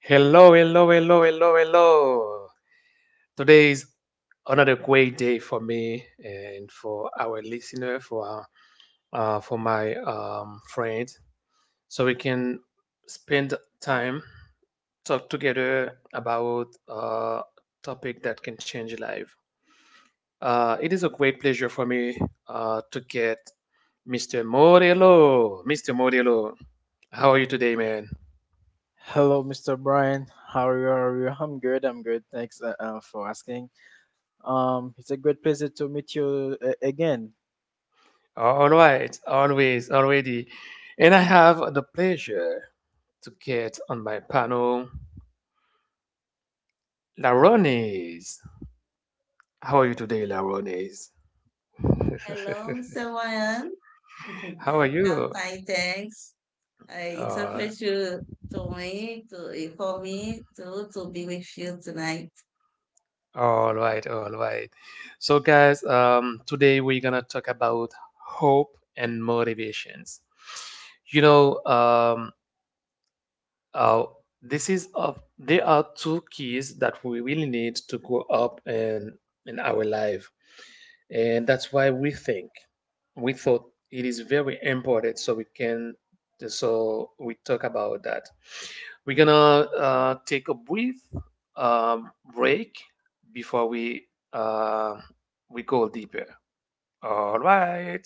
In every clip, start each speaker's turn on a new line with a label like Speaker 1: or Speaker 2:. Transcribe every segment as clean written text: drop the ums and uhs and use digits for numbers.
Speaker 1: Hello, hello, hello, hello, hello. Today is another great day for me and for our listener, for our, for my friends, so we can spend time talk together about a topic that can change life. It is a great pleasure for me to get Mr. Morello. Mr. Morello, how are you today, man?
Speaker 2: Hello, Mr. Brian. How are you? How are you? I'm good. I'm good. Thanks for asking. It's a great pleasure to meet you again.
Speaker 1: All right, always, already. And I have the pleasure to get on my panel Larones. How are you today, Larones?
Speaker 3: Hello, Mr. Wayan.
Speaker 1: How are
Speaker 3: I'm
Speaker 1: you?
Speaker 3: fine, thanks. It's a
Speaker 1: Uh,
Speaker 3: pleasure to me, to for me to be with you tonight.
Speaker 1: all right, all right. So, guys, today we're gonna talk about hope and motivations. You know, uh, this is of there are two keys that we really need to grow up in our life, and that's why we thought it is very important, so we talk about that. We're gonna take a brief break before we uh, we go deeper. All right,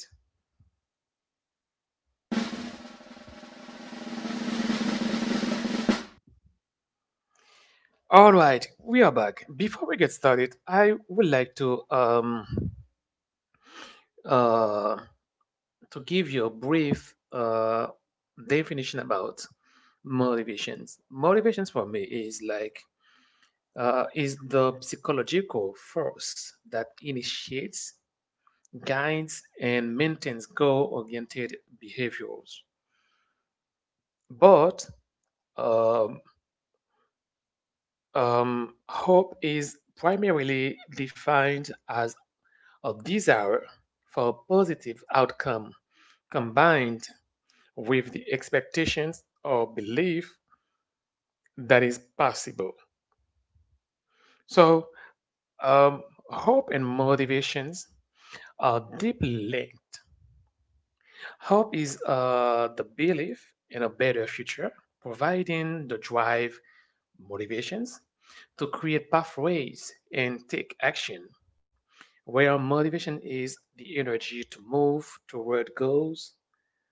Speaker 1: all right, we are back. Before we get started, I would like to uh to give you a brief definition about motivations. Motivations for me is the psychological force that initiates, guides, and maintains goal-oriented behaviors. But um, hope is primarily defined as a desire for a positive outcome, combined with the expectations or belief that is possible. So, um, hope and motivations are deeply linked. Hope is the belief in a better future, providing the drive, motivations, to create pathways and take action, where motivation is the energy to move toward goals,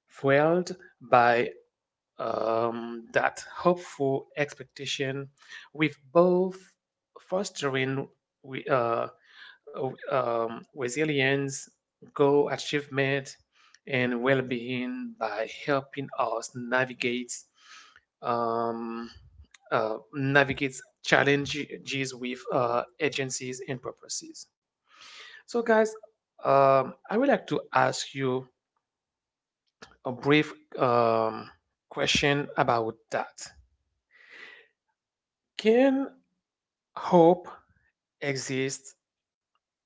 Speaker 1: fueled by that hopeful expectation, with both fostering we- uh, uh, resilience, goal achievement, and well-being by helping us navigate um, navigate challenges with agencies and purposes. So, guys, I would like to ask you a brief question about that. Can hope exist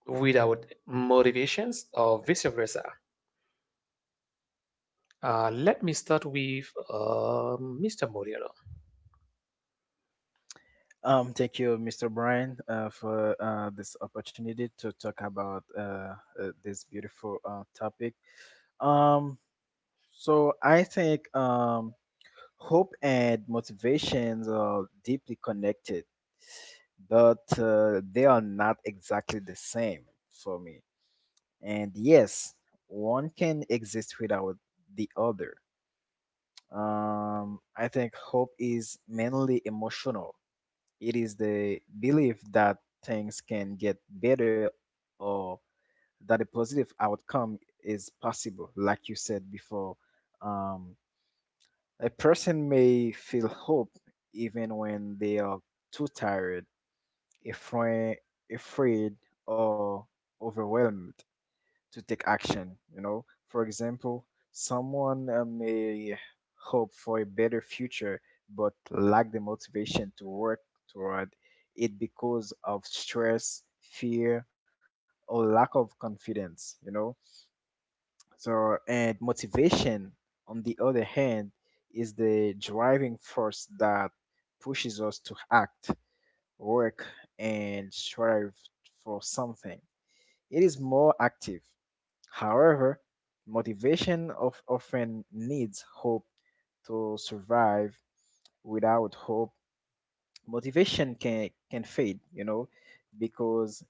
Speaker 1: without motivations, or vice versa? Let me start with Mr. Moriero.
Speaker 2: Thank you, Mr. Brian, for this opportunity to talk about this beautiful topic. Um, so I think hope and motivations are deeply connected, but they are not exactly the same for me. And yes, one can exist without the other. I think hope is mainly emotional. It is the belief that things can get better, or that a positive outcome is possible. Like you said before, um, a person may feel hope even when they are too tired, afraid, afraid or overwhelmed to take action. For example, someone may hope for a better future but lack the motivation to work toward it because of stress, fear, or lack of confidence. So and motivation, on the other hand, is the driving force that pushes us to act, work, and strive for something. It is more active. However, motivation of often needs hope to survive. Without hope, motivation can fade. You know, because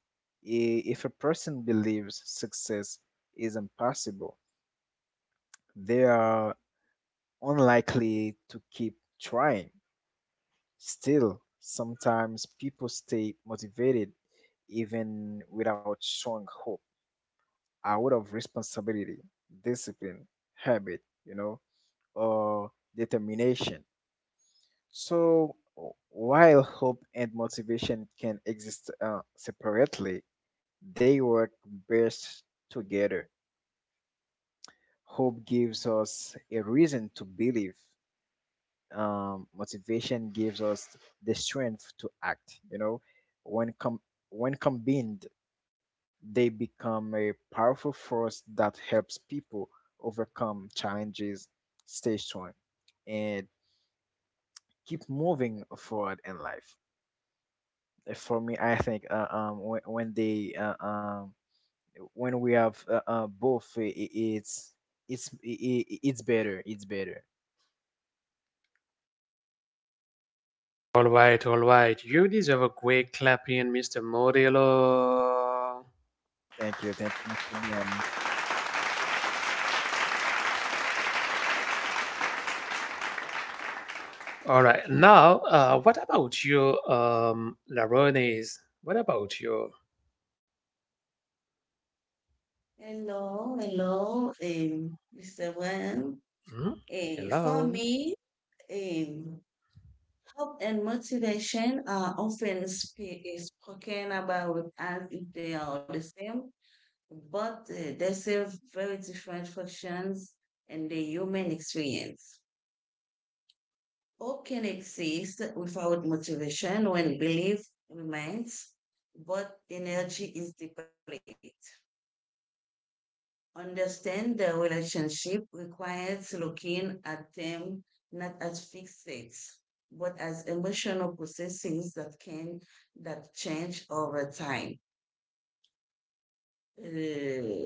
Speaker 2: if a person believes success is impossible, they are unlikely to keep trying. Still, sometimes people stay motivated even without showing hope, out of responsibility, discipline, habit, or determination. So, while hope and motivation can exist separately, they work best together. Hope gives us a reason to believe. Motivation gives us the strength to act. You know, when com- when combined, they become a powerful force that helps people overcome challenges, stay strong, and keep moving forward in life. For me, I think when we have both, it's it's better. It's better.
Speaker 1: All right, all right. You deserve a great clapping, Mr. Morielo.
Speaker 2: Thank you. Thank you, Mr. Brown.
Speaker 1: All right. Now, what about you, Larones? What about you?
Speaker 3: Hello, hello, Mr. Wayan.
Speaker 1: Hmm?
Speaker 3: For
Speaker 1: Hello.
Speaker 3: me, um, hope and motivation are often sp- is spoken about as if they are the same, but they serve very different functions in the human experience. Hope can exist without motivation when belief remains, but energy is depleted. Understand the relationship requires looking at them not as fixed states, but as emotional processes that change over time. Uh,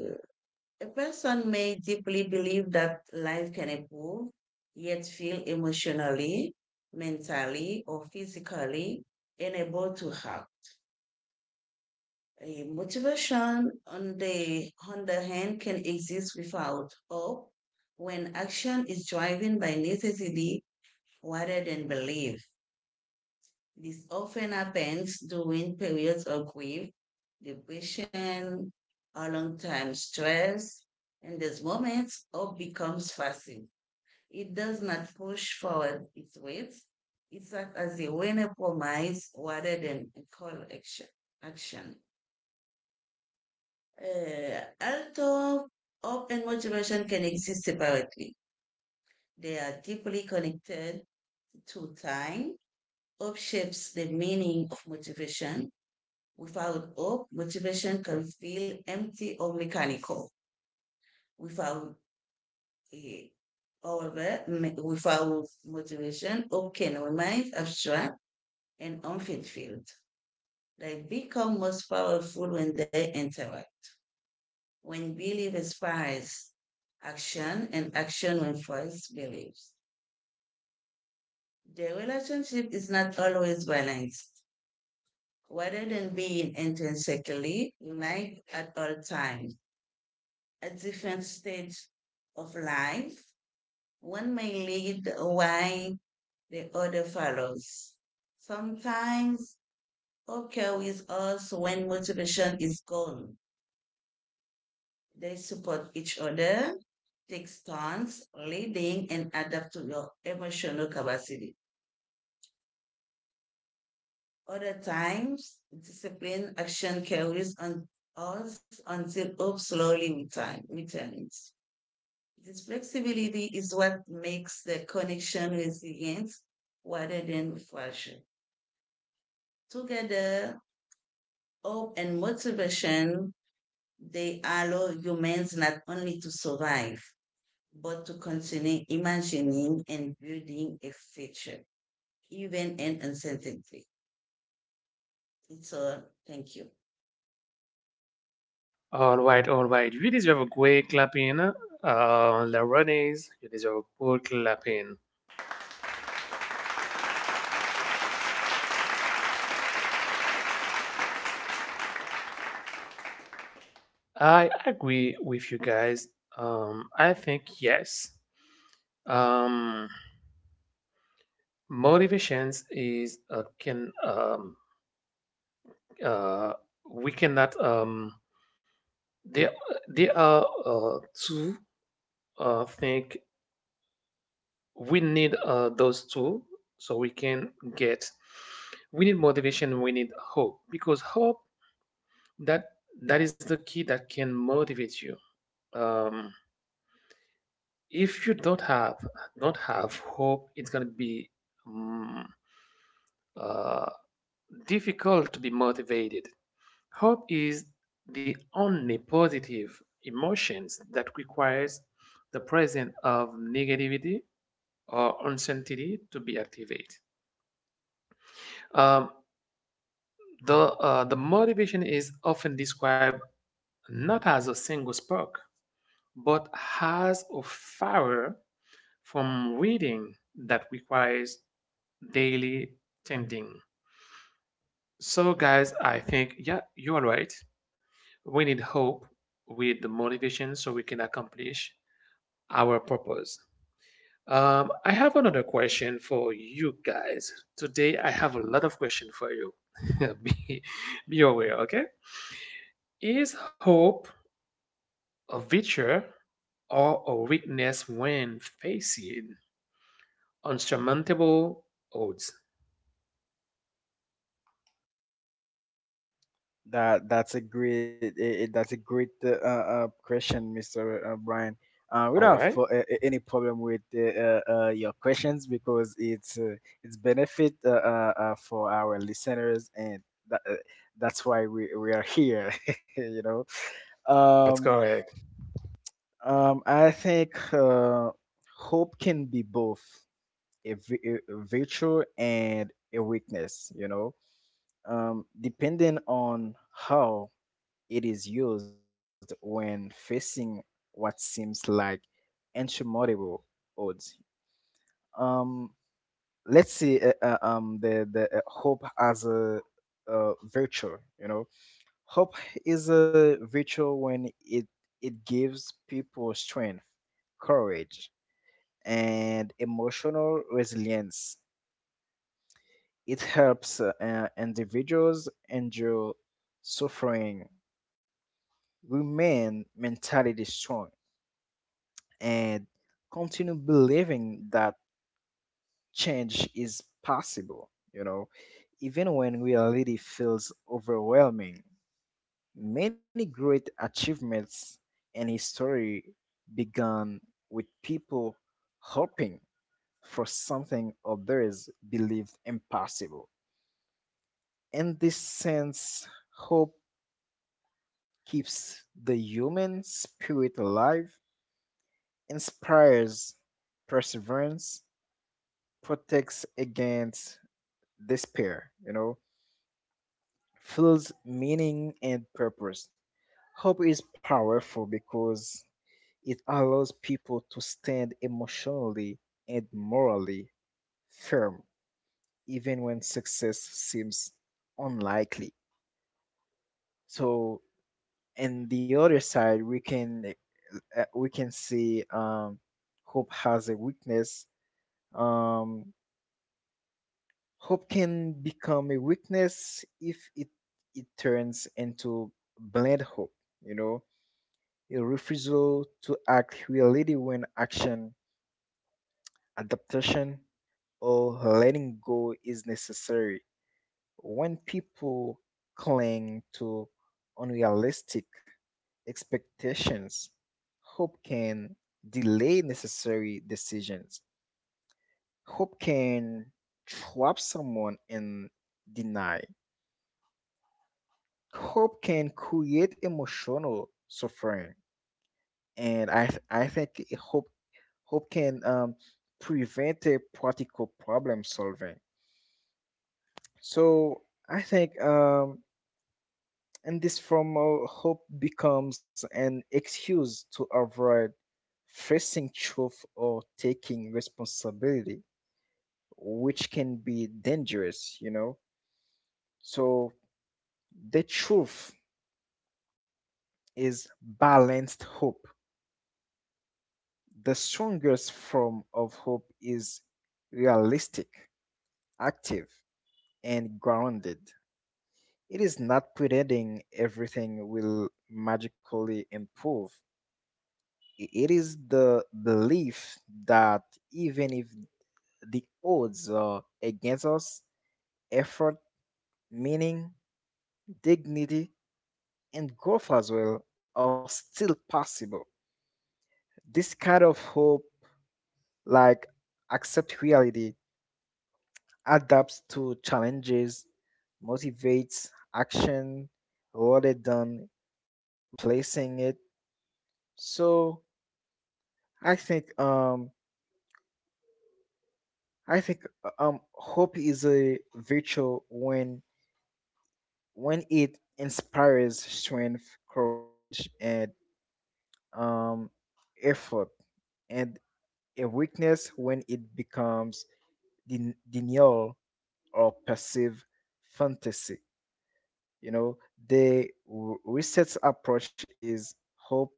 Speaker 3: A person may deeply believe that life can improve, yet feel emotionally, mentally, or physically unable to help. A motivation, on the other hand, can exist without hope when action is driven by necessity rather than belief. This often happens during periods of grief, depression, or long-term stress. In these moments, hope becomes passive. It does not push forward its weight. It acts as a winner promise rather than a call action. Although hope and motivation can exist separately, they are deeply connected to time. Hope shapes the meaning of motivation. Without hope, motivation can feel empty or mechanical. Without uh, However, without motivation, hope can remain abstract and unfulfilled. They become most powerful when they interact, when belief inspires action and action when force beliefs. The relationship is not always balanced. Rather than being intrinsically united at all times, at different stages of life, one may lead while the other follows. Sometimes occurs with us when motivation is gone. They support each other, take turns leading and adapt to your emotional capacity. Other times, discipline action carries on us until hope slowly returns. This flexibility is what makes the connection resilient rather than fragile. Together, hope and motivation, they allow humans not only to survive, but to continue imagining and building a future, even in uncertainty. It's all. Thank you.
Speaker 1: All right, all right. You deserve a great clapping, Laronis. You deserve a good clapping. I agree with you guys. I think yes. Um, Motivations is, can, uh we cannot, there there are, two, think we need, those two, so we can get, we need motivation, we need hope, because hope, that that is the key that can motivate you. um, if you don't have hope, it's going to be, um, uh, difficult to be motivated. Hope is the only positive emotions that requires the presence of negativity or uncertainty to be activated. um, the motivation is often described not as a single spark, but as a fire from reading that requires daily tending. So, guys, I think, yeah, you are right. We need hope with the motivation so we can accomplish our purpose. I have another question for you guys. Today, I have a lot of questions for you. be, be aware, okay? Is hope a virtue or a weakness when facing unsurmountable odds?
Speaker 2: That's a great question, Mister Brian. We
Speaker 1: All
Speaker 2: don't have
Speaker 1: right,
Speaker 2: for, any problem with your questions, because it's benefit for our listeners, and that, that's why we are here. You know,
Speaker 1: that's
Speaker 2: um,
Speaker 1: correct.
Speaker 2: I think hope can be both a virtue and a weakness. You know, depending on how it is used when facing what seems like insurmountable odds. Um, let's see. The Hope as a virtue. You know, hope is a virtue when it gives people strength, courage, and emotional resilience. It helps individuals endure suffering, remain mentality strong, and continue believing that change is possible, you know, even when reality feels overwhelming. Many great achievements in history began with people hoping for something others believed impossible. In this sense, hope keeps the human spirit alive, inspires perseverance, protects against despair, you know, feels meaning and purpose. Hope is powerful because it allows people to stand emotionally and morally firm, even when success seems unlikely. So, and the other side, we can see hope has a weakness. Um, Hope can become a weakness if it turns into blind hope, you know, a refusal to act reality when action, adaptation, or letting go is necessary. When people cling to unrealistic expectations, hope can delay necessary decisions. Hope can trap someone in denial. Hope can create emotional suffering, and I think hope hope can prevent a practical problem solving. So I think in this form of hope becomes an excuse to avoid facing truth or taking responsibility, which can be dangerous, you know. So the truth is balanced hope. The strongest form of hope is realistic, active, and grounded. It is not pretending everything will magically improve. It is the belief that even if the odds are against us, effort, meaning, dignity, and growth as well are still possible. This kind of hope, like, accept reality, adapts to challenges, motivates action rather than replacing it. So I think um I think hope is a virtue when it inspires strength, courage, and um effort, and a weakness when it becomes denial or passive fantasy. You know, the research approach is hope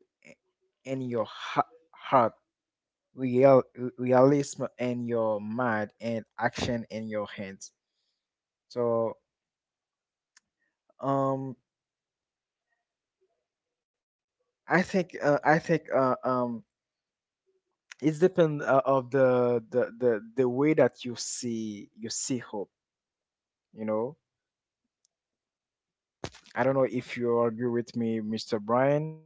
Speaker 2: in your heart, real realism in your mind, and action in your hands. So, um, I think it's depend of the way that you see hope. You know, I don't know if you agree with me, Mr. Brian.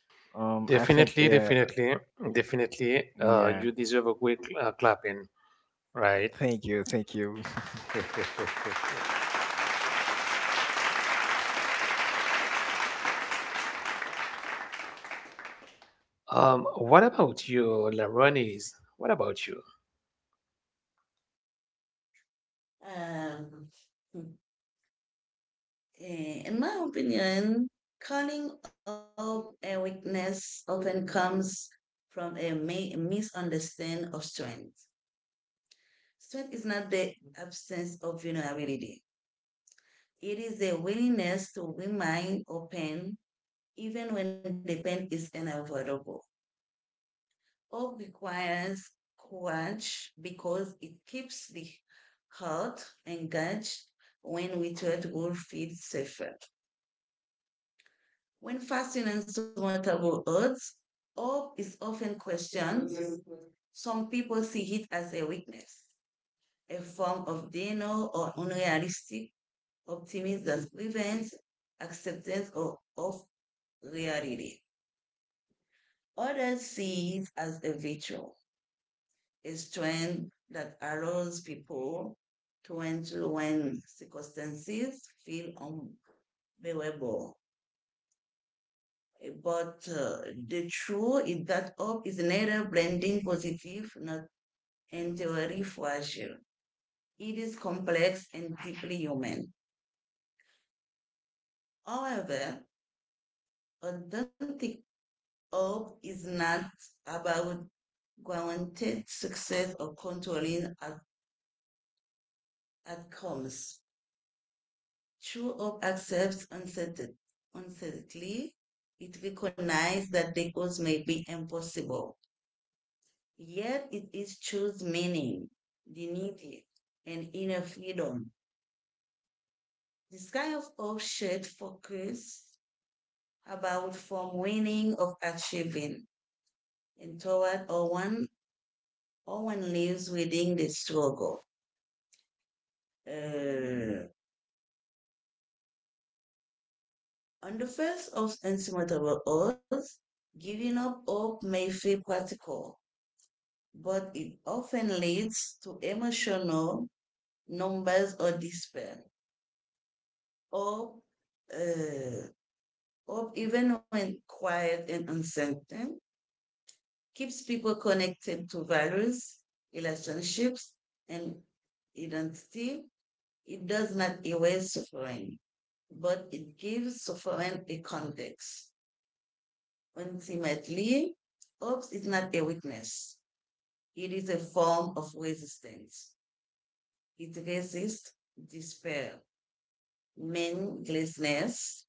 Speaker 2: I think
Speaker 1: Definitely, definitely, definitely.
Speaker 2: yeah.
Speaker 1: You deserve a quick clapping, right?
Speaker 2: Thank you, thank you.
Speaker 1: What about you, Laronis? What about you?
Speaker 3: Um, in my opinion, calling up a weakness often comes from a misunderstanding of strength. Strength is not the absence of vulnerability. It is the willingness to remain open even when the pain is unavoidable. Hope requires courage because it keeps the heart engaged when withered will feel safer. When fasting and surmountable odds, hope is often questioned. Mm-hmm. Some people see it as a weakness, a form of denial or unrealistic optimism that prevents acceptance of reality. Others see it as a virtue, a strength that allows people to endure when circumstances feel unbearable. But the truth is that hope is neither blending positive nor entirely fragile. It is complex and deeply human. However, authentic hope is not about guaranteed success or controlling outcomes. True hope accepts uncertainty. It recognizes that the goals may be impossible, yet it is choose meaning, dignity, and inner freedom. This kind of hope should focus about from winning of achieving and toward or one lives within the struggle. Uh, on the face of insurmountable odds, giving up hope may feel practical but it often leads to emotional numbers or despair, or, uh, or even when quiet and uncertain, keeps people connected to values, relationships, and identity. It does not erase suffering, but it gives suffering a context. Ultimately, hope is not a weakness. It is a form of resistance. It resists despair, meaninglessness,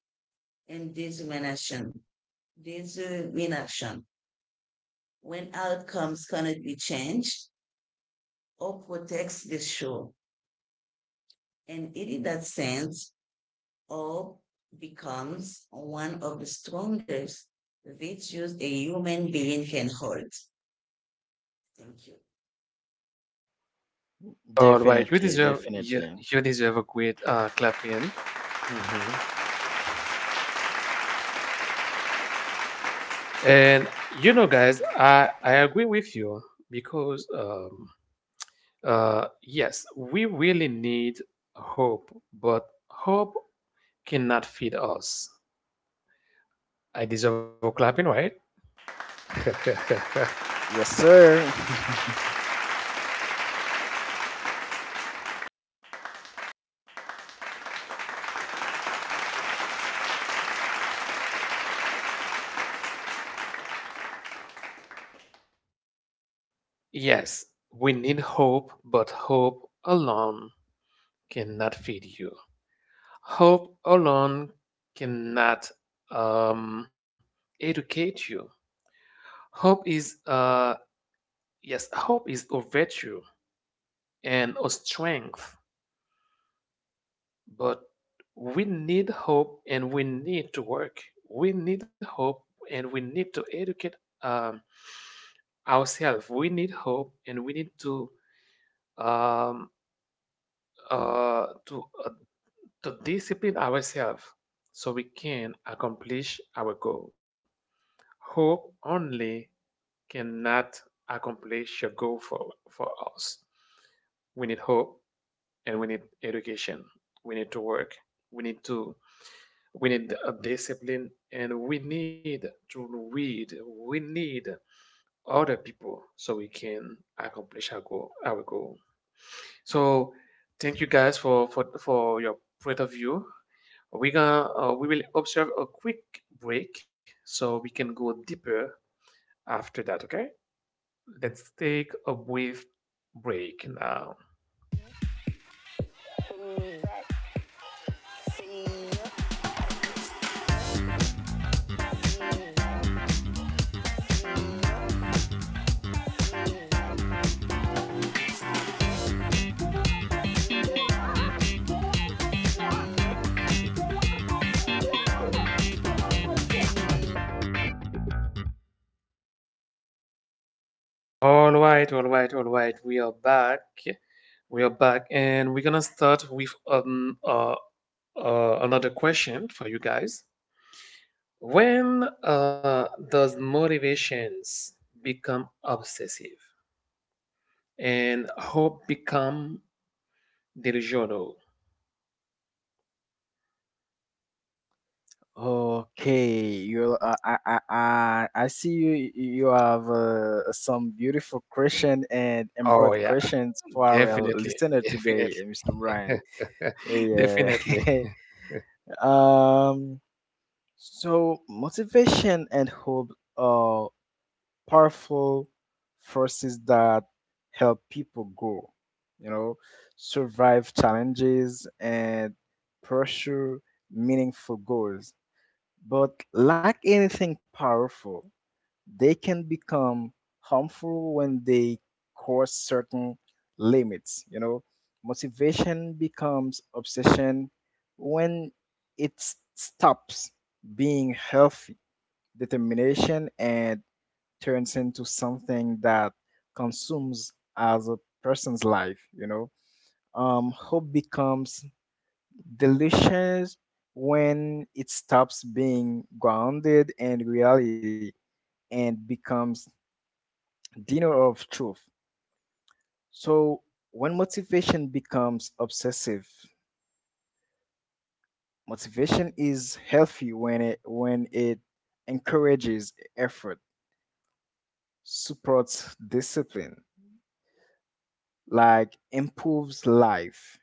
Speaker 3: and discrimination. Discrimination. When outcomes cannot be changed or protects the shore, and it in that sense, or becomes one of the strongest virtues a human being can hold. Thank you.
Speaker 1: All right, you
Speaker 2: Definitely,
Speaker 1: deserve
Speaker 2: definitely.
Speaker 1: you, you deserve a great clapping. Hmm. And you know, guys, I agree with you, because yes, we really need hope, but hope cannot feed us. I deserve a clapping, right?
Speaker 2: Yes, sir.
Speaker 1: Yes, we need hope, but hope alone cannot feed you. Hope alone cannot um, educate you. Hope is Yes, hope is a virtue and a strength, but we need hope and we need to work. We need hope and we need to educate um, ourselves. We need hope and we need to um, uh, to, uh, to discipline ourselves so we can accomplish our goal. Hope only cannot accomplish your goal for, us. We need hope and we need education. We need to work. We need to, we need a discipline, and we need to read. We need other people so we can accomplish our goal, our goal. So thank you guys for for your point of view. We gonna we will observe a quick break so we can go deeper after that. Okay, let's take a brief break now. All right, all right, all right, we are back. We are back, and we're gonna start with another question for you guys. When does motivations become obsessive and hope become delusional?
Speaker 2: Okay, you I see you have some beautiful question and
Speaker 1: Oh
Speaker 2: embroidered
Speaker 1: yeah.
Speaker 2: questions for our
Speaker 1: Definitely,
Speaker 2: listener today,
Speaker 1: definitely,
Speaker 2: Mr. Brian. Yeah.
Speaker 1: definitely.
Speaker 2: um so motivation and hope are powerful forces that help people grow, you know, survive challenges and pursue meaningful goals. But like anything powerful, they can become harmful when they cross certain limits. You know, motivation becomes obsession when stops being healthy determination and turns into something that consumes as a person's life. You know, hope becomes delicious when it stops being grounded in reality and becomes dinner of truth. So when motivation becomes obsessive, motivation is healthy when it encourages effort, supports discipline, like improves life,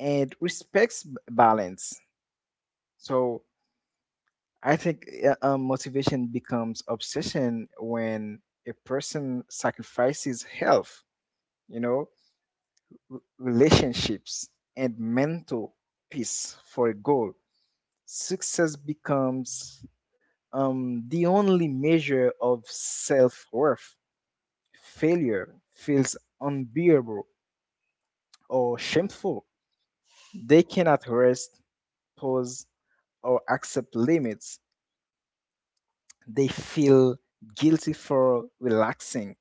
Speaker 2: and respects balance. So I think motivation becomes obsession when a person sacrifices health, you know, relationships, and mental peace for a goal. Success becomes the only measure of self worth. Failure feels unbearable or shameful. They cannot rest, pause, or accept limits. They feel guilty for relaxing.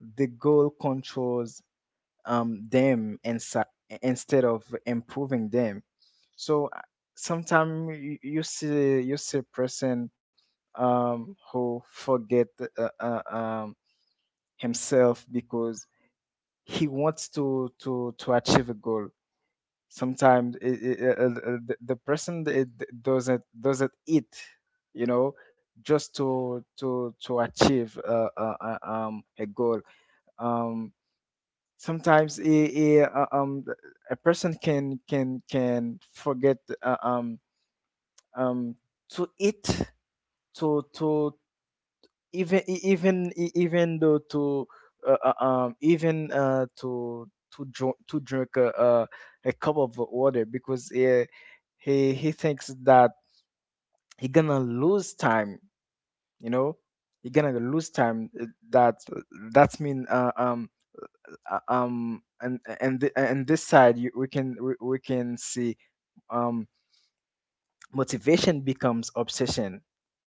Speaker 2: The goal controls um, them insi- instead of improving them. So sometimes you see a person who forget uh, uh, um, himself because he wants to achieve a goal. Sometimes the person it doesn't eat, you know, just to achieve a goal. Um, sometimes it, uh, um th- a person can forget um to eat, to even though to even to to drink a cup of water, because he thinks that he gonna lose time, you know, he gonna lose time. That's mean and and this side we can we can see um motivation becomes obsession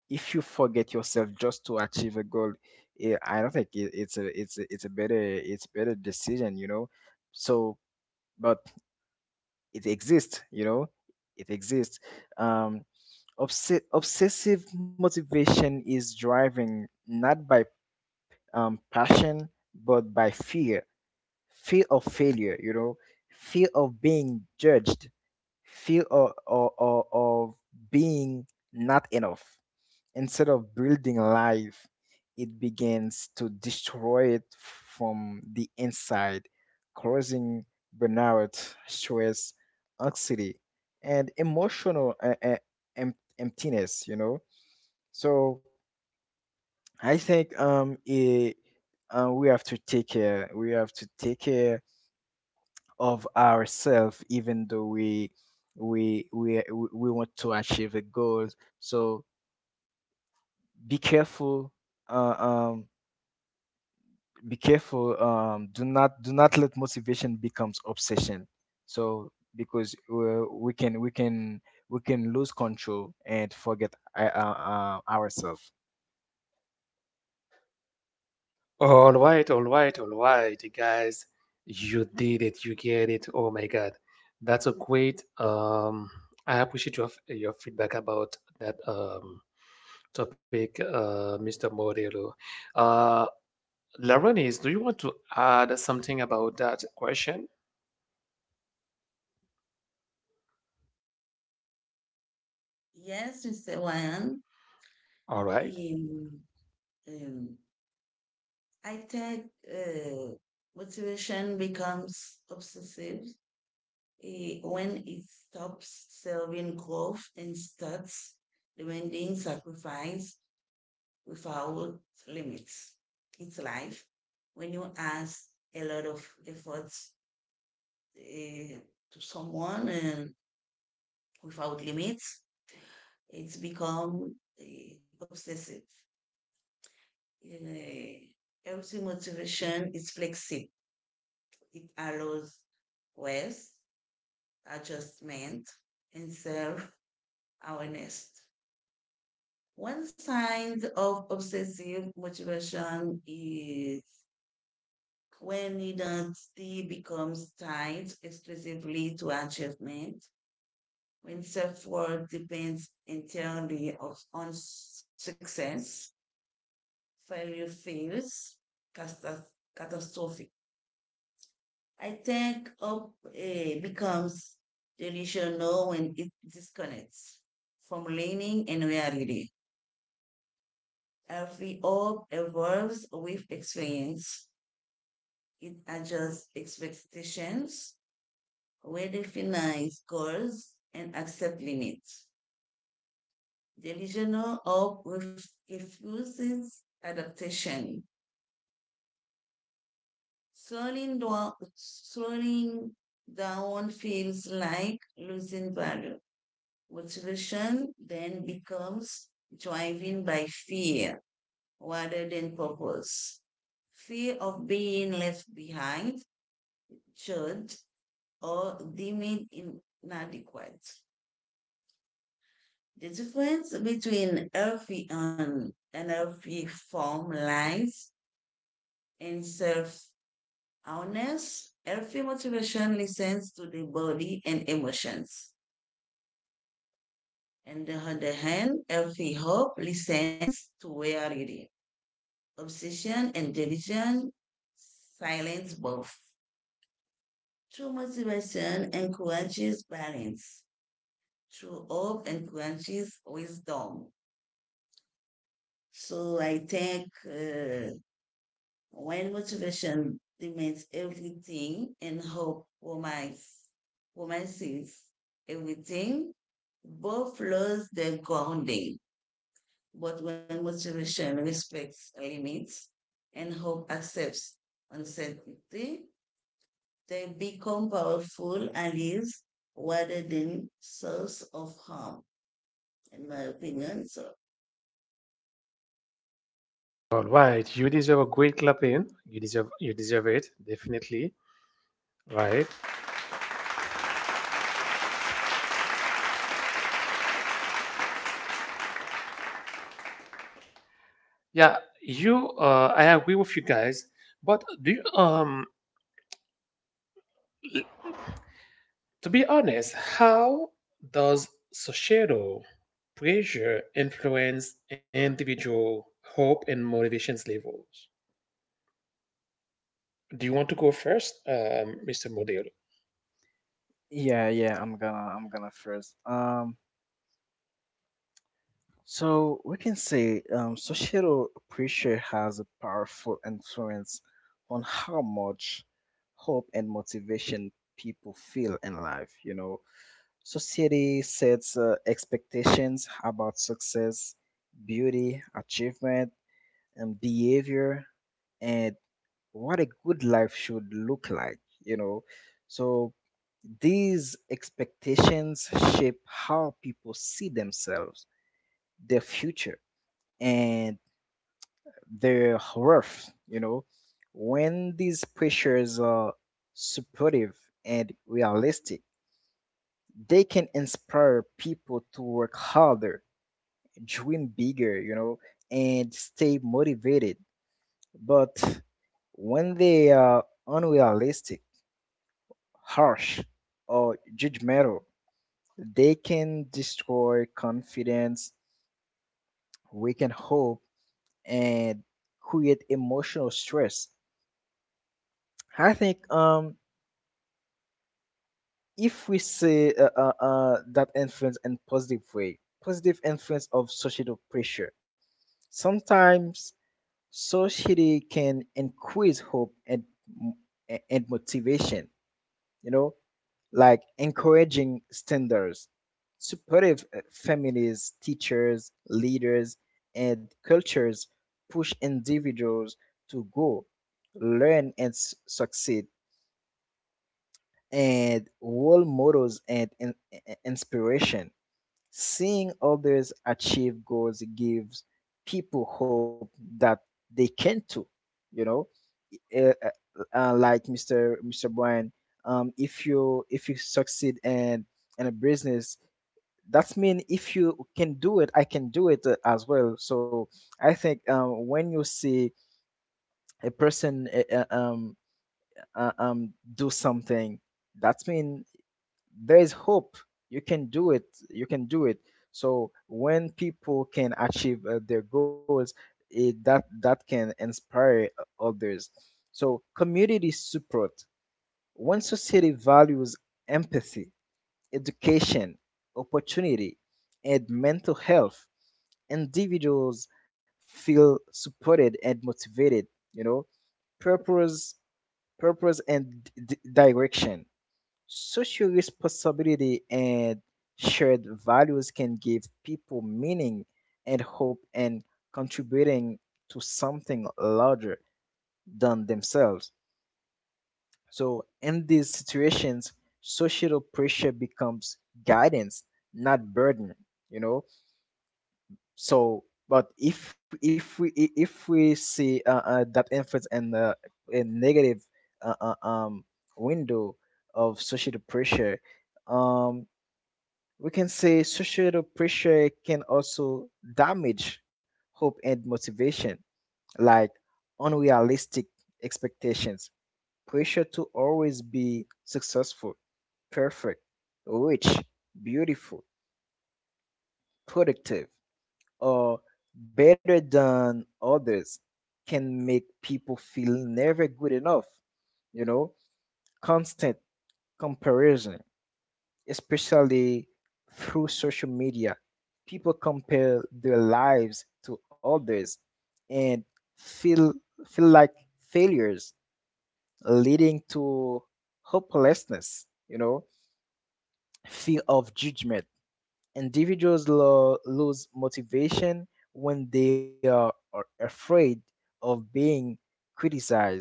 Speaker 2: if you forget yourself just to achieve a goal. I don't think it, it's a it's a, it's a better it's better decision, you know. So but it exists, you know. It exists. um Obsessive motivation is driving not by passion but by fear, fear of failure, you know, fear of being judged, fear of being not enough. Instead of building life, it begins to destroy it from the inside, causing burnout, stress, anxiety, and emotional emptiness, you know. So I think we have to take care. We have to take care of ourselves even though we want to achieve a goal. So be careful, uh, um be careful. Do not let motivation becomes obsession. So because we can lose control and forget ourselves.
Speaker 1: All right, all right, all right, guys. You did it. You get it. Oh my God, that's a great. I appreciate your your feedback about that topic, Mr. Modelo. Uh, Laronis, do you want to add something about that question?
Speaker 3: Yes, Mr. Wayan.
Speaker 1: All right.
Speaker 3: Um, um, I think motivation becomes obsessive when it stops serving growth and starts demanding sacrifice without limits. It's life. When you ask a lot of efforts eh, to someone and without limits, it's become obsessive. Eh, every motivation is flexible. It allows rest, adjustment, and self-awareness. One sign of obsessive motivation is when identity becomes tied exclusively to achievement, when self worth depends entirely on success, failure feels catas- catastrophic. I think hope becomes delusional when it disconnects from learning and reality. Every hope evolves with experience. It adjusts expectations, redefines goals, and accepts limits. Delusional hope refuses adaptation. Slowing down feels like losing value. Motivation then becomes driven by fear rather than purpose. Fear of being left behind, judged, or deemed inadequate. The difference between healthy and unhealthy form lies in self awareness. Healthy motivation listens to the body and emotions. On the other hand, healthy hope listens to reality. Obsession and delusion silence both. True motivation encourages balance. True hope encourages wisdom. So I think when motivation demands everything and hope promises, promises everything, both lose their grounding. But when motivation respects limits and hope accepts uncertainty, they become powerful allies rather than source of harm, in my opinion.
Speaker 1: All right. You deserve a great clapping. You deserve it, definitely. Right. Yeah, you I agree with you guys. But to be honest, how does societal pressure influence individual hope and motivations levels? Do you want to go first, Mr. Modelo?
Speaker 2: Yeah, I'm gonna first. So we can say societal pressure has a powerful influence on how much hope and motivation people feel in life. You know, society sets expectations about success, beauty, achievement, and behavior, and what a good life should look like. You know, so these expectations shape how people see themselves, their future, and they're rough, you know. When these pressures are supportive and realistic, they can inspire people to work harder, dream bigger, you know, and stay motivated. But when they are unrealistic, harsh, or judgmental, they can destroy confidence, weaken hope, and create emotional stress. I think if we say that influence in positive way, positive influence of societal pressure, sometimes society can increase hope and motivation, you know, like encouraging standards, supportive families, teachers, leaders, and cultures push individuals to go, learn, and succeed, and role models, and inspiration. Seeing others achieve goals gives people hope that they can too. You know, like Mr. Brian, if you succeed in a business, that means if you can do it, I can do it as well. So I think when you see a person do something, that means there is hope you can do it you can do it. So when people can achieve their goals, that can inspire others. So community support, when society values empathy, education, opportunity, and mental health, individuals feel supported and motivated, you know purpose, and direction. Social responsibility and shared values can give people meaning and hope and contributing to something larger than themselves. So, in these situations, social pressure becomes guidance, not burden, you know? So, but if we see that influence in the a negative uh, uh, um, window of social pressure, um, we can say societal pressure can also damage hope and motivation, like unrealistic expectations, pressure to always be successful, perfect, rich, beautiful, productive, or better than others can make people feel never good enough, you know, constant comparison, especially through social media. People compare their lives to others and feel feel like failures, leading to hopelessness. Fear of judgment. Individuals lose motivation when they are afraid of being criticized,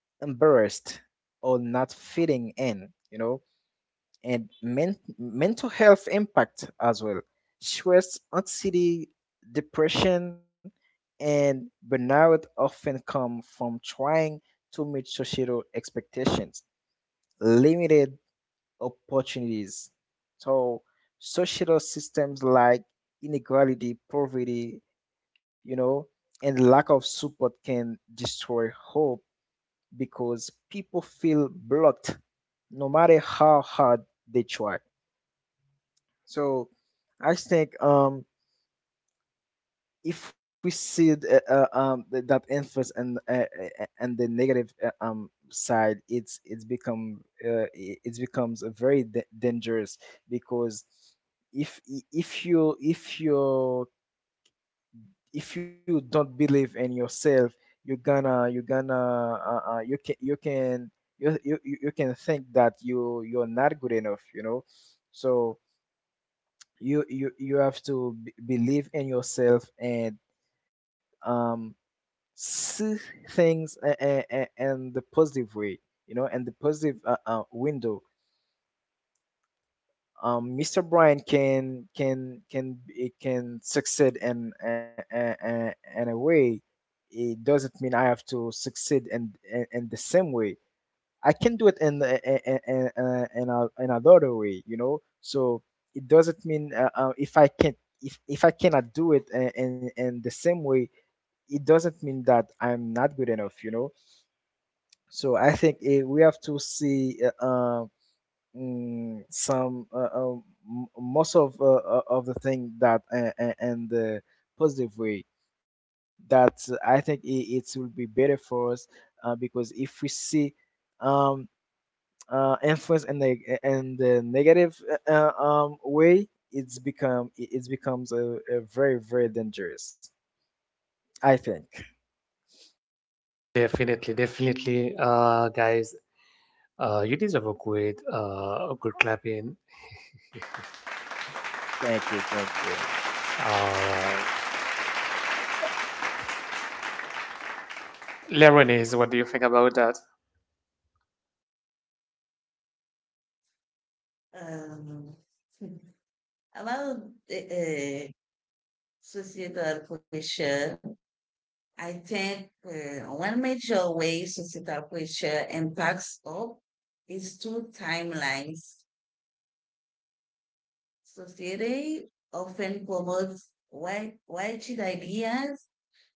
Speaker 2: embarrassed, or not fitting in. And mental health impact as well. Stress, anxiety, depression, and burnout often come from trying to meet societal expectations, limited opportunities. So, societal systems like inequality, poverty, you know, and lack of support can destroy hope because people feel blocked no matter how hard they try. So I think if we see that influence and the negative side, it becomes a very dangerous, because if i- if you if you if you don't believe in yourself, you're gonna you can you can you, you you you can think that you're not good enough, you know. So you have to believe in yourself and um see things and the positive way, you know, and the positive window. Mr. Brian can it can succeed in and a in a way, it doesn't mean I have to succeed in the same way. I can do it in the- I- in a in another way, you know. So it doesn't mean if I can, if I cannot do it in the same way, it doesn't mean that I'm not good enough, you know. So I think we have to see some most of the thing that and the positive way, that I think it will be better for us because if we see um influence in the negative uh, way, it it becomes a very very dangerous. I think.
Speaker 1: Definitely, definitely, guys. You deserve a good, clapping.
Speaker 2: Thank you, thank you.
Speaker 1: All right, Leronis, what do you think about that?
Speaker 3: um, about the societal pressure, I think one major way societal pressure impacts us is through timelines. Society often promotes rigid ideas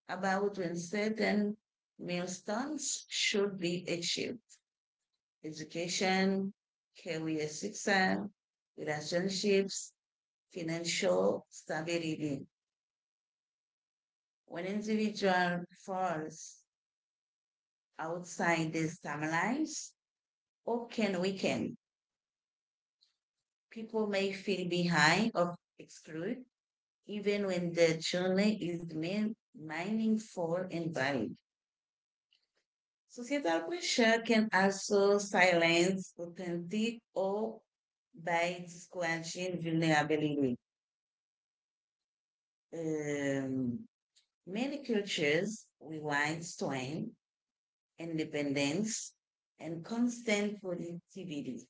Speaker 3: about when certain milestones should be achieved. Education, career success, relationships, financial stability. When individual falls outside these timelines, or can weaken. People may feel behind or excluded, even when the journey is meaningful and valued. Societal pressure can also silence authentic or by discouraging vulnerability. Um, Many cultures rewind strength, independence, and constant productivity,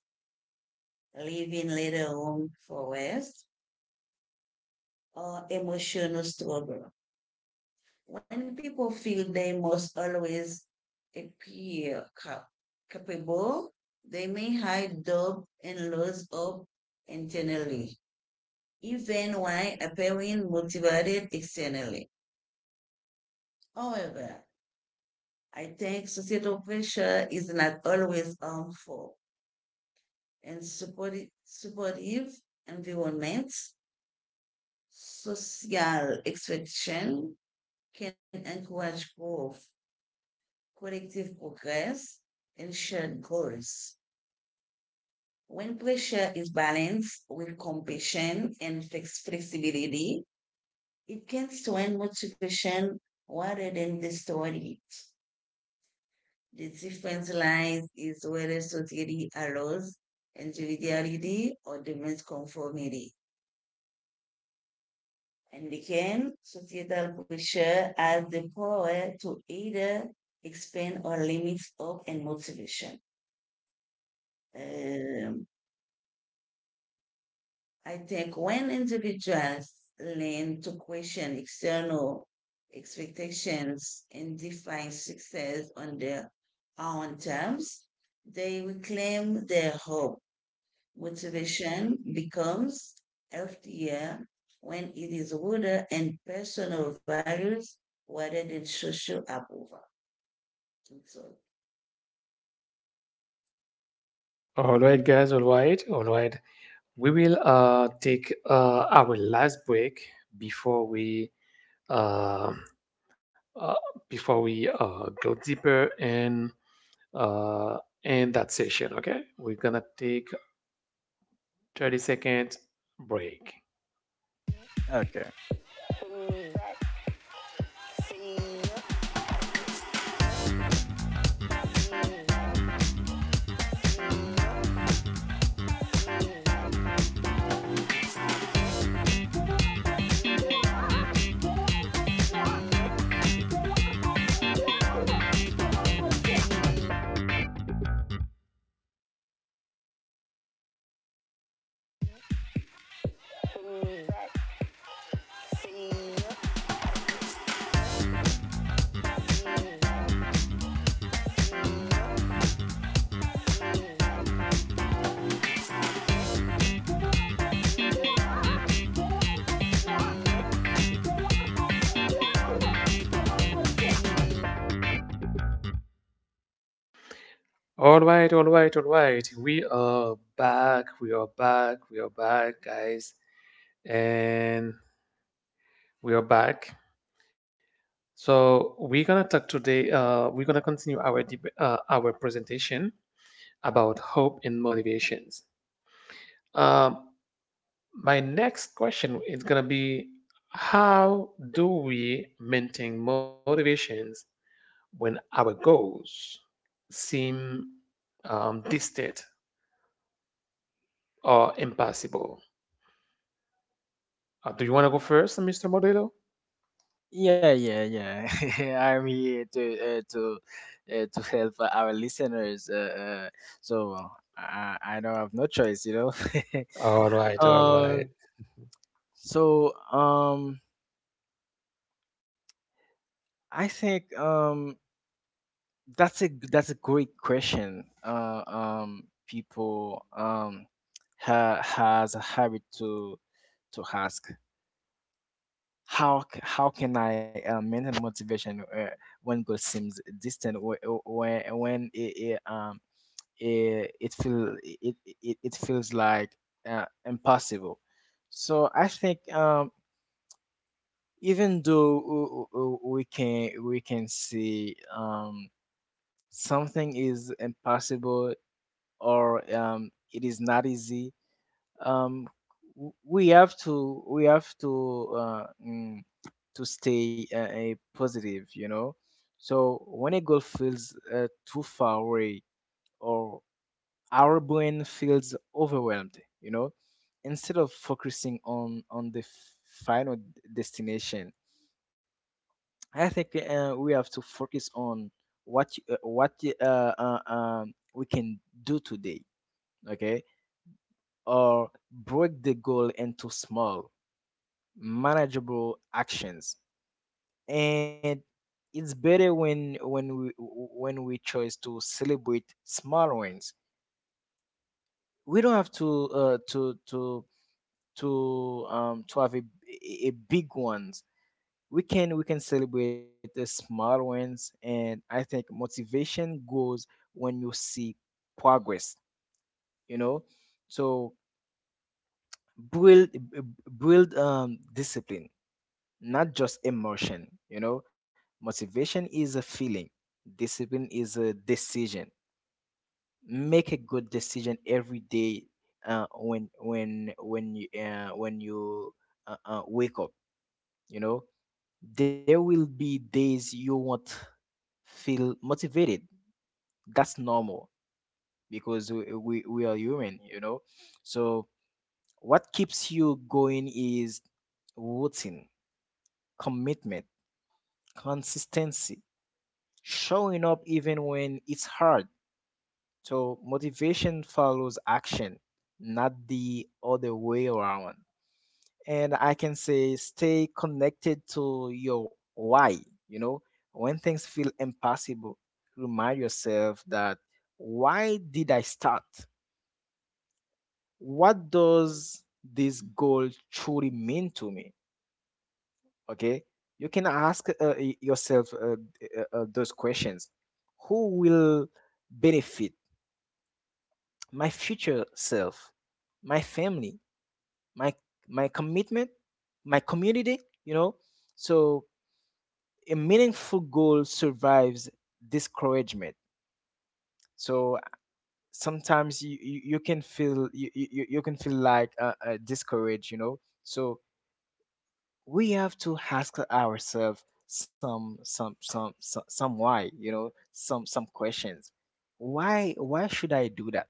Speaker 3: leaving little room for rest or emotional struggle. When people feel they must always appear capable, they may hide doubt and lose hope internally, even while appearing motivated externally. However, I think societal pressure is not always harmful and supportive environments, social expectation can encourage growth collective progress, and shared goals. When pressure is balanced with compassion and flexibility, it can strengthen motivation rather than distort it. The difference lies is whether society allows individuality or demands conformity. And again, societal pressure has the power to either expand or limit hope and motivation. Um, I think when individuals learn to question external expectations and define success on their own terms, they reclaim their hope. Motivation becomes healthier when it is rooted in personal values rather than social approval. So,
Speaker 1: All right, guys. All right, all right. We will take our last break, before we uh, uh before we go deeper uh in that session. Okay, we're gonna take 30-second break.
Speaker 2: Okay.
Speaker 1: All right, all right, all right. We are back. We are back. We are back, guys, and we are back. So we're gonna talk today. We're gonna continue our presentation about hope and motivations. Um, my next question is gonna be, how do we maintain motivations when our goals seem distant or impossible? Do you want to go first, Mr. Modelo?
Speaker 2: Yeah, yeah, yeah. I'm here to uh, to to help our listeners. So I don't have no choice, you know.
Speaker 1: All right, all right.
Speaker 2: um.
Speaker 1: Mhm.
Speaker 2: So I think that's a that's a great question. People has a habit to ask how how can I maintain motivation when goal seems distant, or when it it, it feel it, it it feels like impossible. So I think even though we can see something is impossible, or it is not easy. Um, we have to to stay positive, you know. So when a goal feels too far away, or our brain feels overwhelmed, you know, instead of focusing on the final destination, I think we have to focus on we can do today. Okay, or break the goal into small, manageable actions. And it's better when we choose to celebrate small wins. We don't have to have a big ones. We can celebrate the small wins, and I think motivation grows when you see progress. You know, so build build discipline, not just emotion. You know, motivation is a feeling, discipline is a decision. Make a good decision every day when you wake up. You know, there will be days you won't feel motivated. That's normal because we are human. You know, so what keeps you going is routine, commitment, consistency, showing up even when it's hard. So motivation follows action, not the other way around. And I can say stay connected to your why, you know. When things feel impossible, remind yourself that why did I start? What does this goal truly mean to me? Okay? You can ask yourself those questions. Who will benefit? My future self, my family, my my commitment, my community, you know. So a meaningful goal survives discouragement. So sometimes you can feel you can feel like discouraged, you know. So we have to ask ourselves some why, you know, some questions. Why should I do that?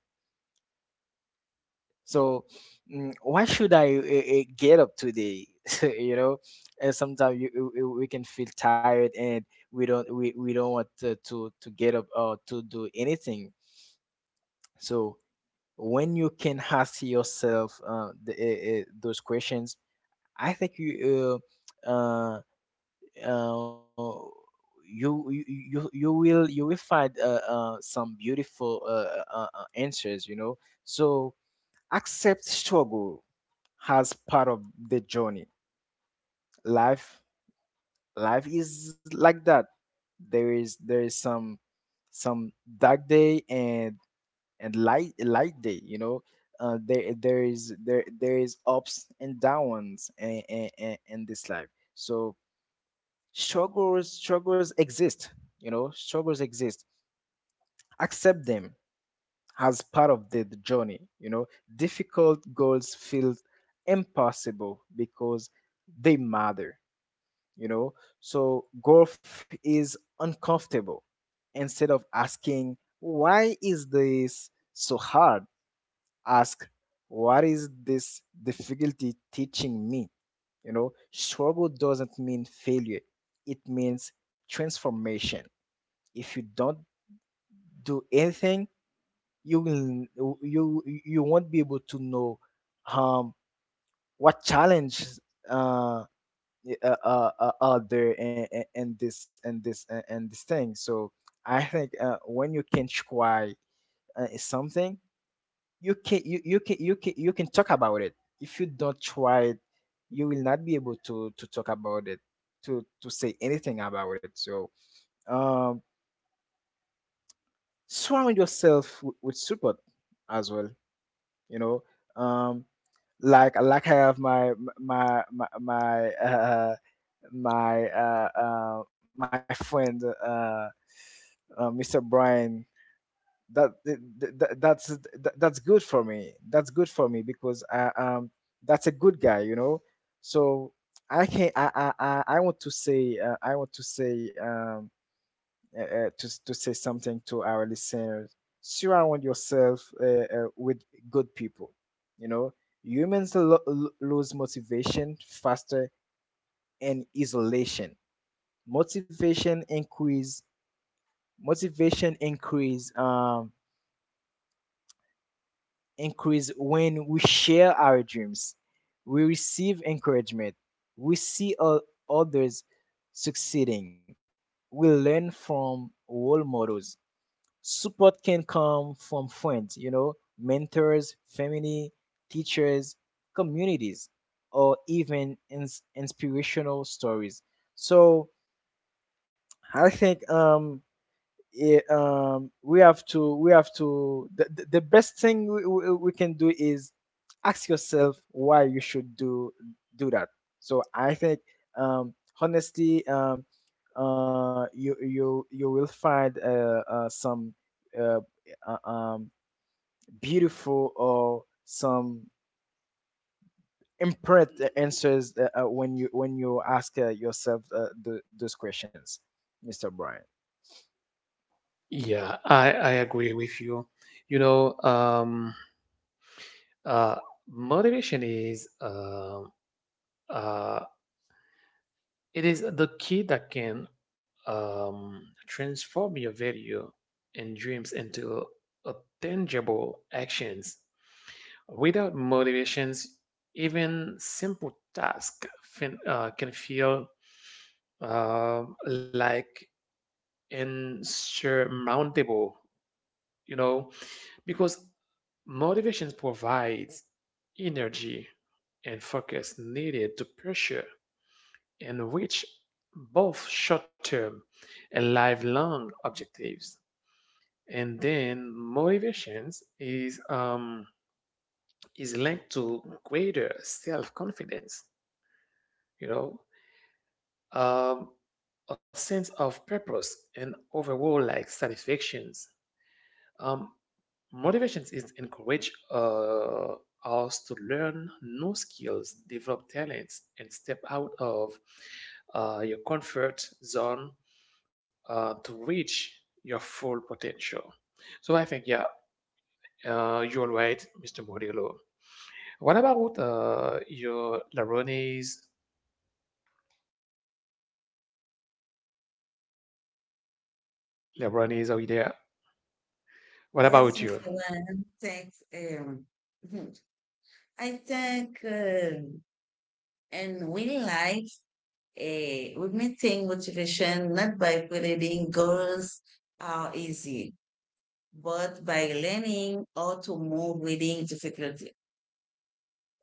Speaker 2: So why should I get up today? You know, and sometimes we can feel tired and we don't want to, to get up or to do anything. So when you can ask yourself those questions, I think you uh, uh, uh, you, you you you will find some beautiful answers. You know, so accept struggle as part of the journey. Life life is like that. There is some some dark day and light day, you know. There there is ups and downs in this life. So struggles exist, you know, struggles exist. Accept them as part of the journey, you know. Difficult goals feel impossible because they matter, you know. So golf is uncomfortable. Instead of asking why is this so hard, ask what is this difficulty teaching me. You know, struggle doesn't mean failure, it means transformation. If you don't do anything, you will you you won't be able to know um what challenge uh out there, and this and and this thing. So I think when you can try something, you can you can talk about it. If you don't try it, you will not be able to talk about it, to say anything about it. So um, surround yourself with support as well. You know. Um, like I have my my my uh my friend Mr. Brian, that, that that's that's good for me, because I, that's a good guy, you know. So I can I want to say I want to say something to our listeners. Surround yourself with good people, you know. Humans lose motivation faster in isolation. Motivation increase motivation increase um, increase when we share our dreams, we receive encouragement, we see others succeeding, we learn from role models. Support can come from friends, you know, mentors, family, teachers, communities, or even inspirational stories. So I think yeah, we have to the best thing we can do is ask yourself why you should do that. So I think um honestly you will find some uh, uh, um beautiful or some imprint answers when you ask yourself those questions, Mr. Brian.
Speaker 1: Yeah, I agree with you. You know, uh, motivation is uh, It is the key that can transform your video and dreams into a tangible actions. Without motivations, even simple tasks can feel like insurmountable, you know, because motivations provides energy and focus needed to pursue in which both short-term and lifelong objectives. And then motivations is linked to greater self-confidence, you know um, a sense of purpose and overall like satisfactions. um, Motivations is encourage us to learn new skills, develop talents, and step out of your comfort zone to reach your full potential. So I think, yeah, you're right, Mr. Murillo. What about your Laronis? Laronis, are you there? What
Speaker 3: yes,
Speaker 1: about you?
Speaker 3: Mr. Wan, thanks. I think in real life, we may think motivation not by creating goals are easy, but by learning how to move within difficulty.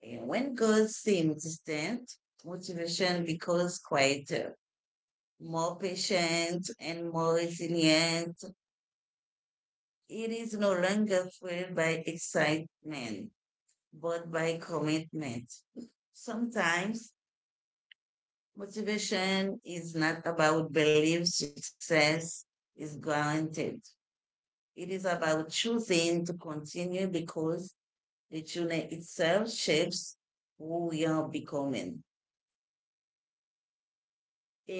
Speaker 3: And when goals seem distant, motivation becomes quieter, more patient, and more resilient. It is no longer fueled by excitement, but by commitment. Sometimes motivation is not about belief success is guaranteed. It is about choosing to continue because the journey itself shapes who we are becoming.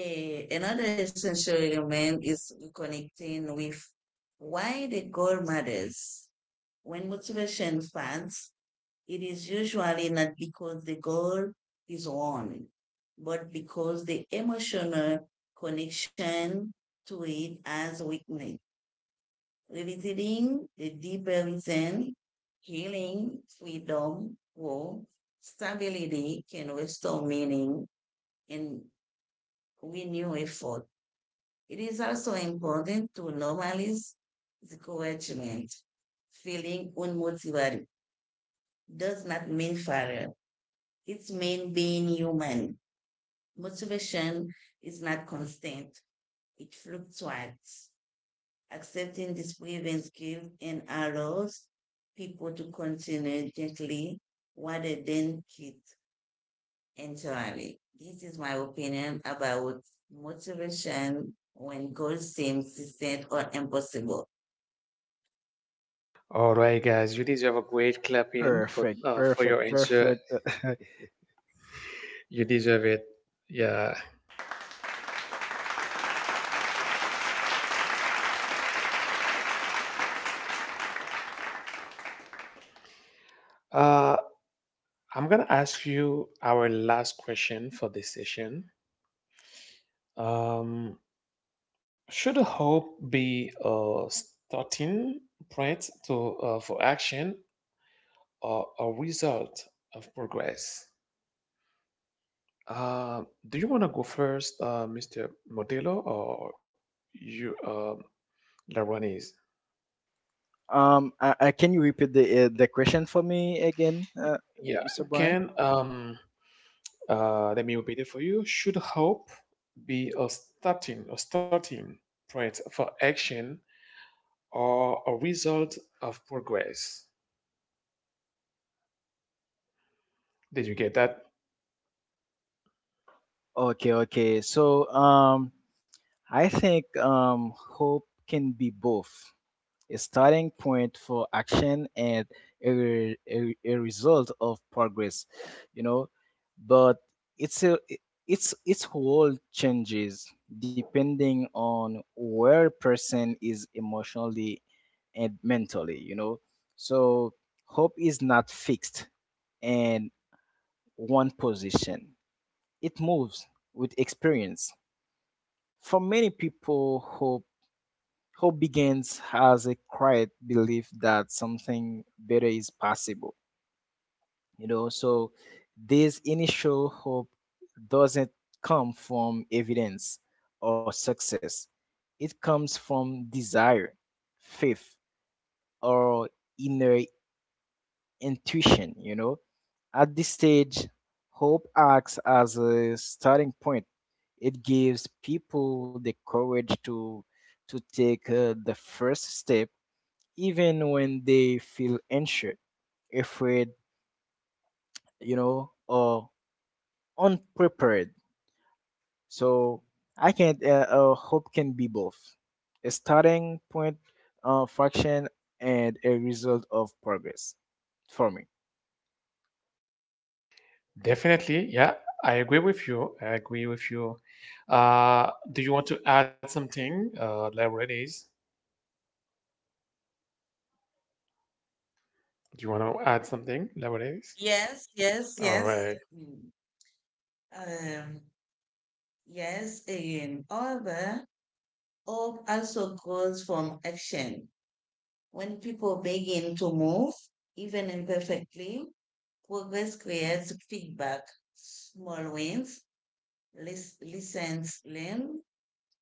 Speaker 3: Another essential element is reconnecting with why the goal matters. When motivation fades, it is usually not because the goal is won, but because the emotional connection to it has weakened. Revisiting the deprivation, healing, freedom, hope, stability can restore meaning and renew effort. It is also important to normalize discouragement. Feeling unmotivated does not mean failure. It means being human. Motivation is not constant. It fluctuates. Accepting this grievance gives and allows people to continue gently what they then quit entirely. This is my opinion about motivation when goals seem distant or impossible.
Speaker 1: All right, guys, you deserve a great clap in for
Speaker 2: Perfect,
Speaker 1: for your
Speaker 2: perfect,
Speaker 1: answer.
Speaker 2: perfect.
Speaker 1: You deserve it. Yeah. Uh, I'm gonna ask you our last question for this session. Um, should hope be a starting point to for action, a result of progress? Uh, do you want to go first, Mr. Modelo, or you, Laronis?
Speaker 2: Can you repeat the question for me again,
Speaker 1: Yeah,
Speaker 2: Mr. Brian?
Speaker 1: can let me repeat it for you. Should hope be a starting point for action, or a result of progress? Did you get that?
Speaker 2: Okay, okay. So, I think hope can be both: a starting point for action and a result of progress, you know. But it's a it's its whole changes depending on where a person is emotionally and mentally, you know. So hope is not fixed in one position, it moves with experience. For many people, hope begins as a quiet belief that something better is possible. You know, so this initial hope doesn't come from evidence or success, it comes from desire, faith, or inner intuition. You know, at this stage, hope acts as a starting point, it gives people the courage to take the first step even when they feel unsure, afraid, you know, or unprepared. So I can hope can be both a starting point, fraction, and a result of progress for me.
Speaker 1: Definitely, yeah, I agree with you. I agree with you. Do you want to add something? Laurentiis, do you want to add something, Laurentiis?
Speaker 3: Yes, yes,
Speaker 1: All
Speaker 3: yes.
Speaker 1: right,
Speaker 3: Mm. Um, yes. Again, however, hope also goes from action. When people begin to move, even imperfectly, progress creates feedback. Small wins, lessons learned,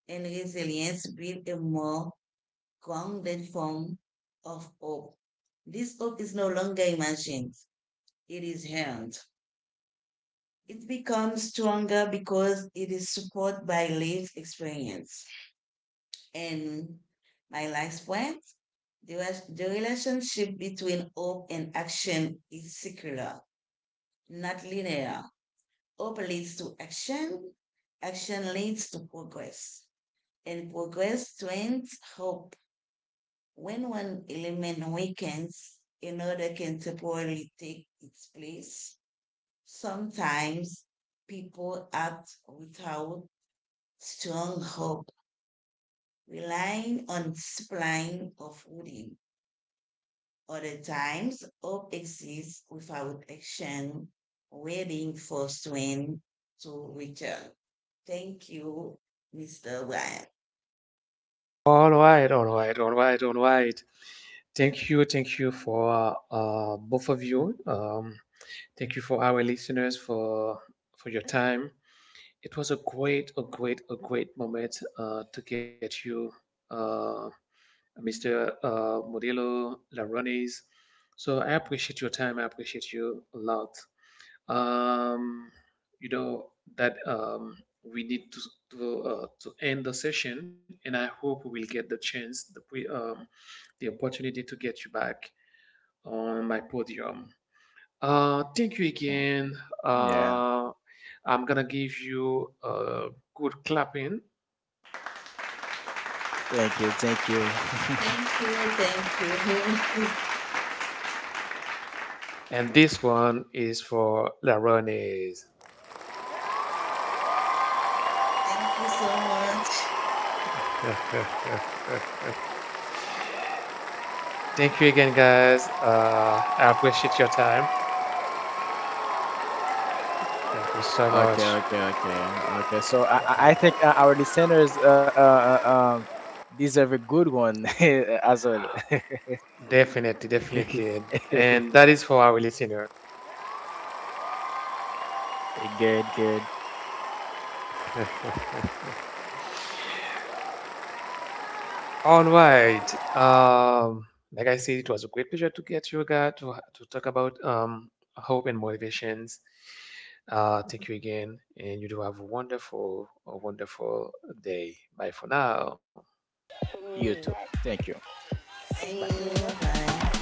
Speaker 3: and resilience build a more grounded form of hope. This hope is no longer imagined, it is held. It becomes stronger because it is supported by lived experience. And my last point, the relationship between hope and action is circular, not linear. Hope leads to action. Action leads to progress. And progress strengthens hope. When one element weakens, another can temporarily take its place. Sometimes people act without strong hope, relying on discipline or footing. Other times, hope exists without action, waiting for swing to return. Thank you, Mr. Ryan.
Speaker 1: all right, all right, all right, all right. Thank you for both of you. Thank you for our listeners, for your time. It was a great, a great, a great moment to get you, uh, Mr. Modelo Larones. So I appreciate your time. I appreciate you a lot. Um, you know that we need to to end the session, and I hope we will get the chance, the opportunity to get you back on my podium. Thank you
Speaker 2: Mm,
Speaker 1: again.
Speaker 2: yeah.
Speaker 1: Uh, I'm gonna give you a good clapping,
Speaker 2: Thank you. Thank you.
Speaker 3: Thank you,
Speaker 1: and this one is for Larones.
Speaker 3: thank you so much.
Speaker 1: Thank you again, guys. I appreciate your time. Thank you so
Speaker 2: Okay, okay,
Speaker 1: much.
Speaker 2: okay, okay. So I
Speaker 1: Mhm.
Speaker 2: think our listeners um, deserve a good one as well.
Speaker 1: Definitely, definitely, and that is for our listener.
Speaker 2: Good, good.
Speaker 1: All right. Um, like I said, it was a great pleasure to get you, guy to talk about hope and motivations. Thank you again, and you do have a wonderful day. Bye for now.
Speaker 2: You too. Thank you.
Speaker 3: Thank
Speaker 1: Bye.
Speaker 3: you, bye.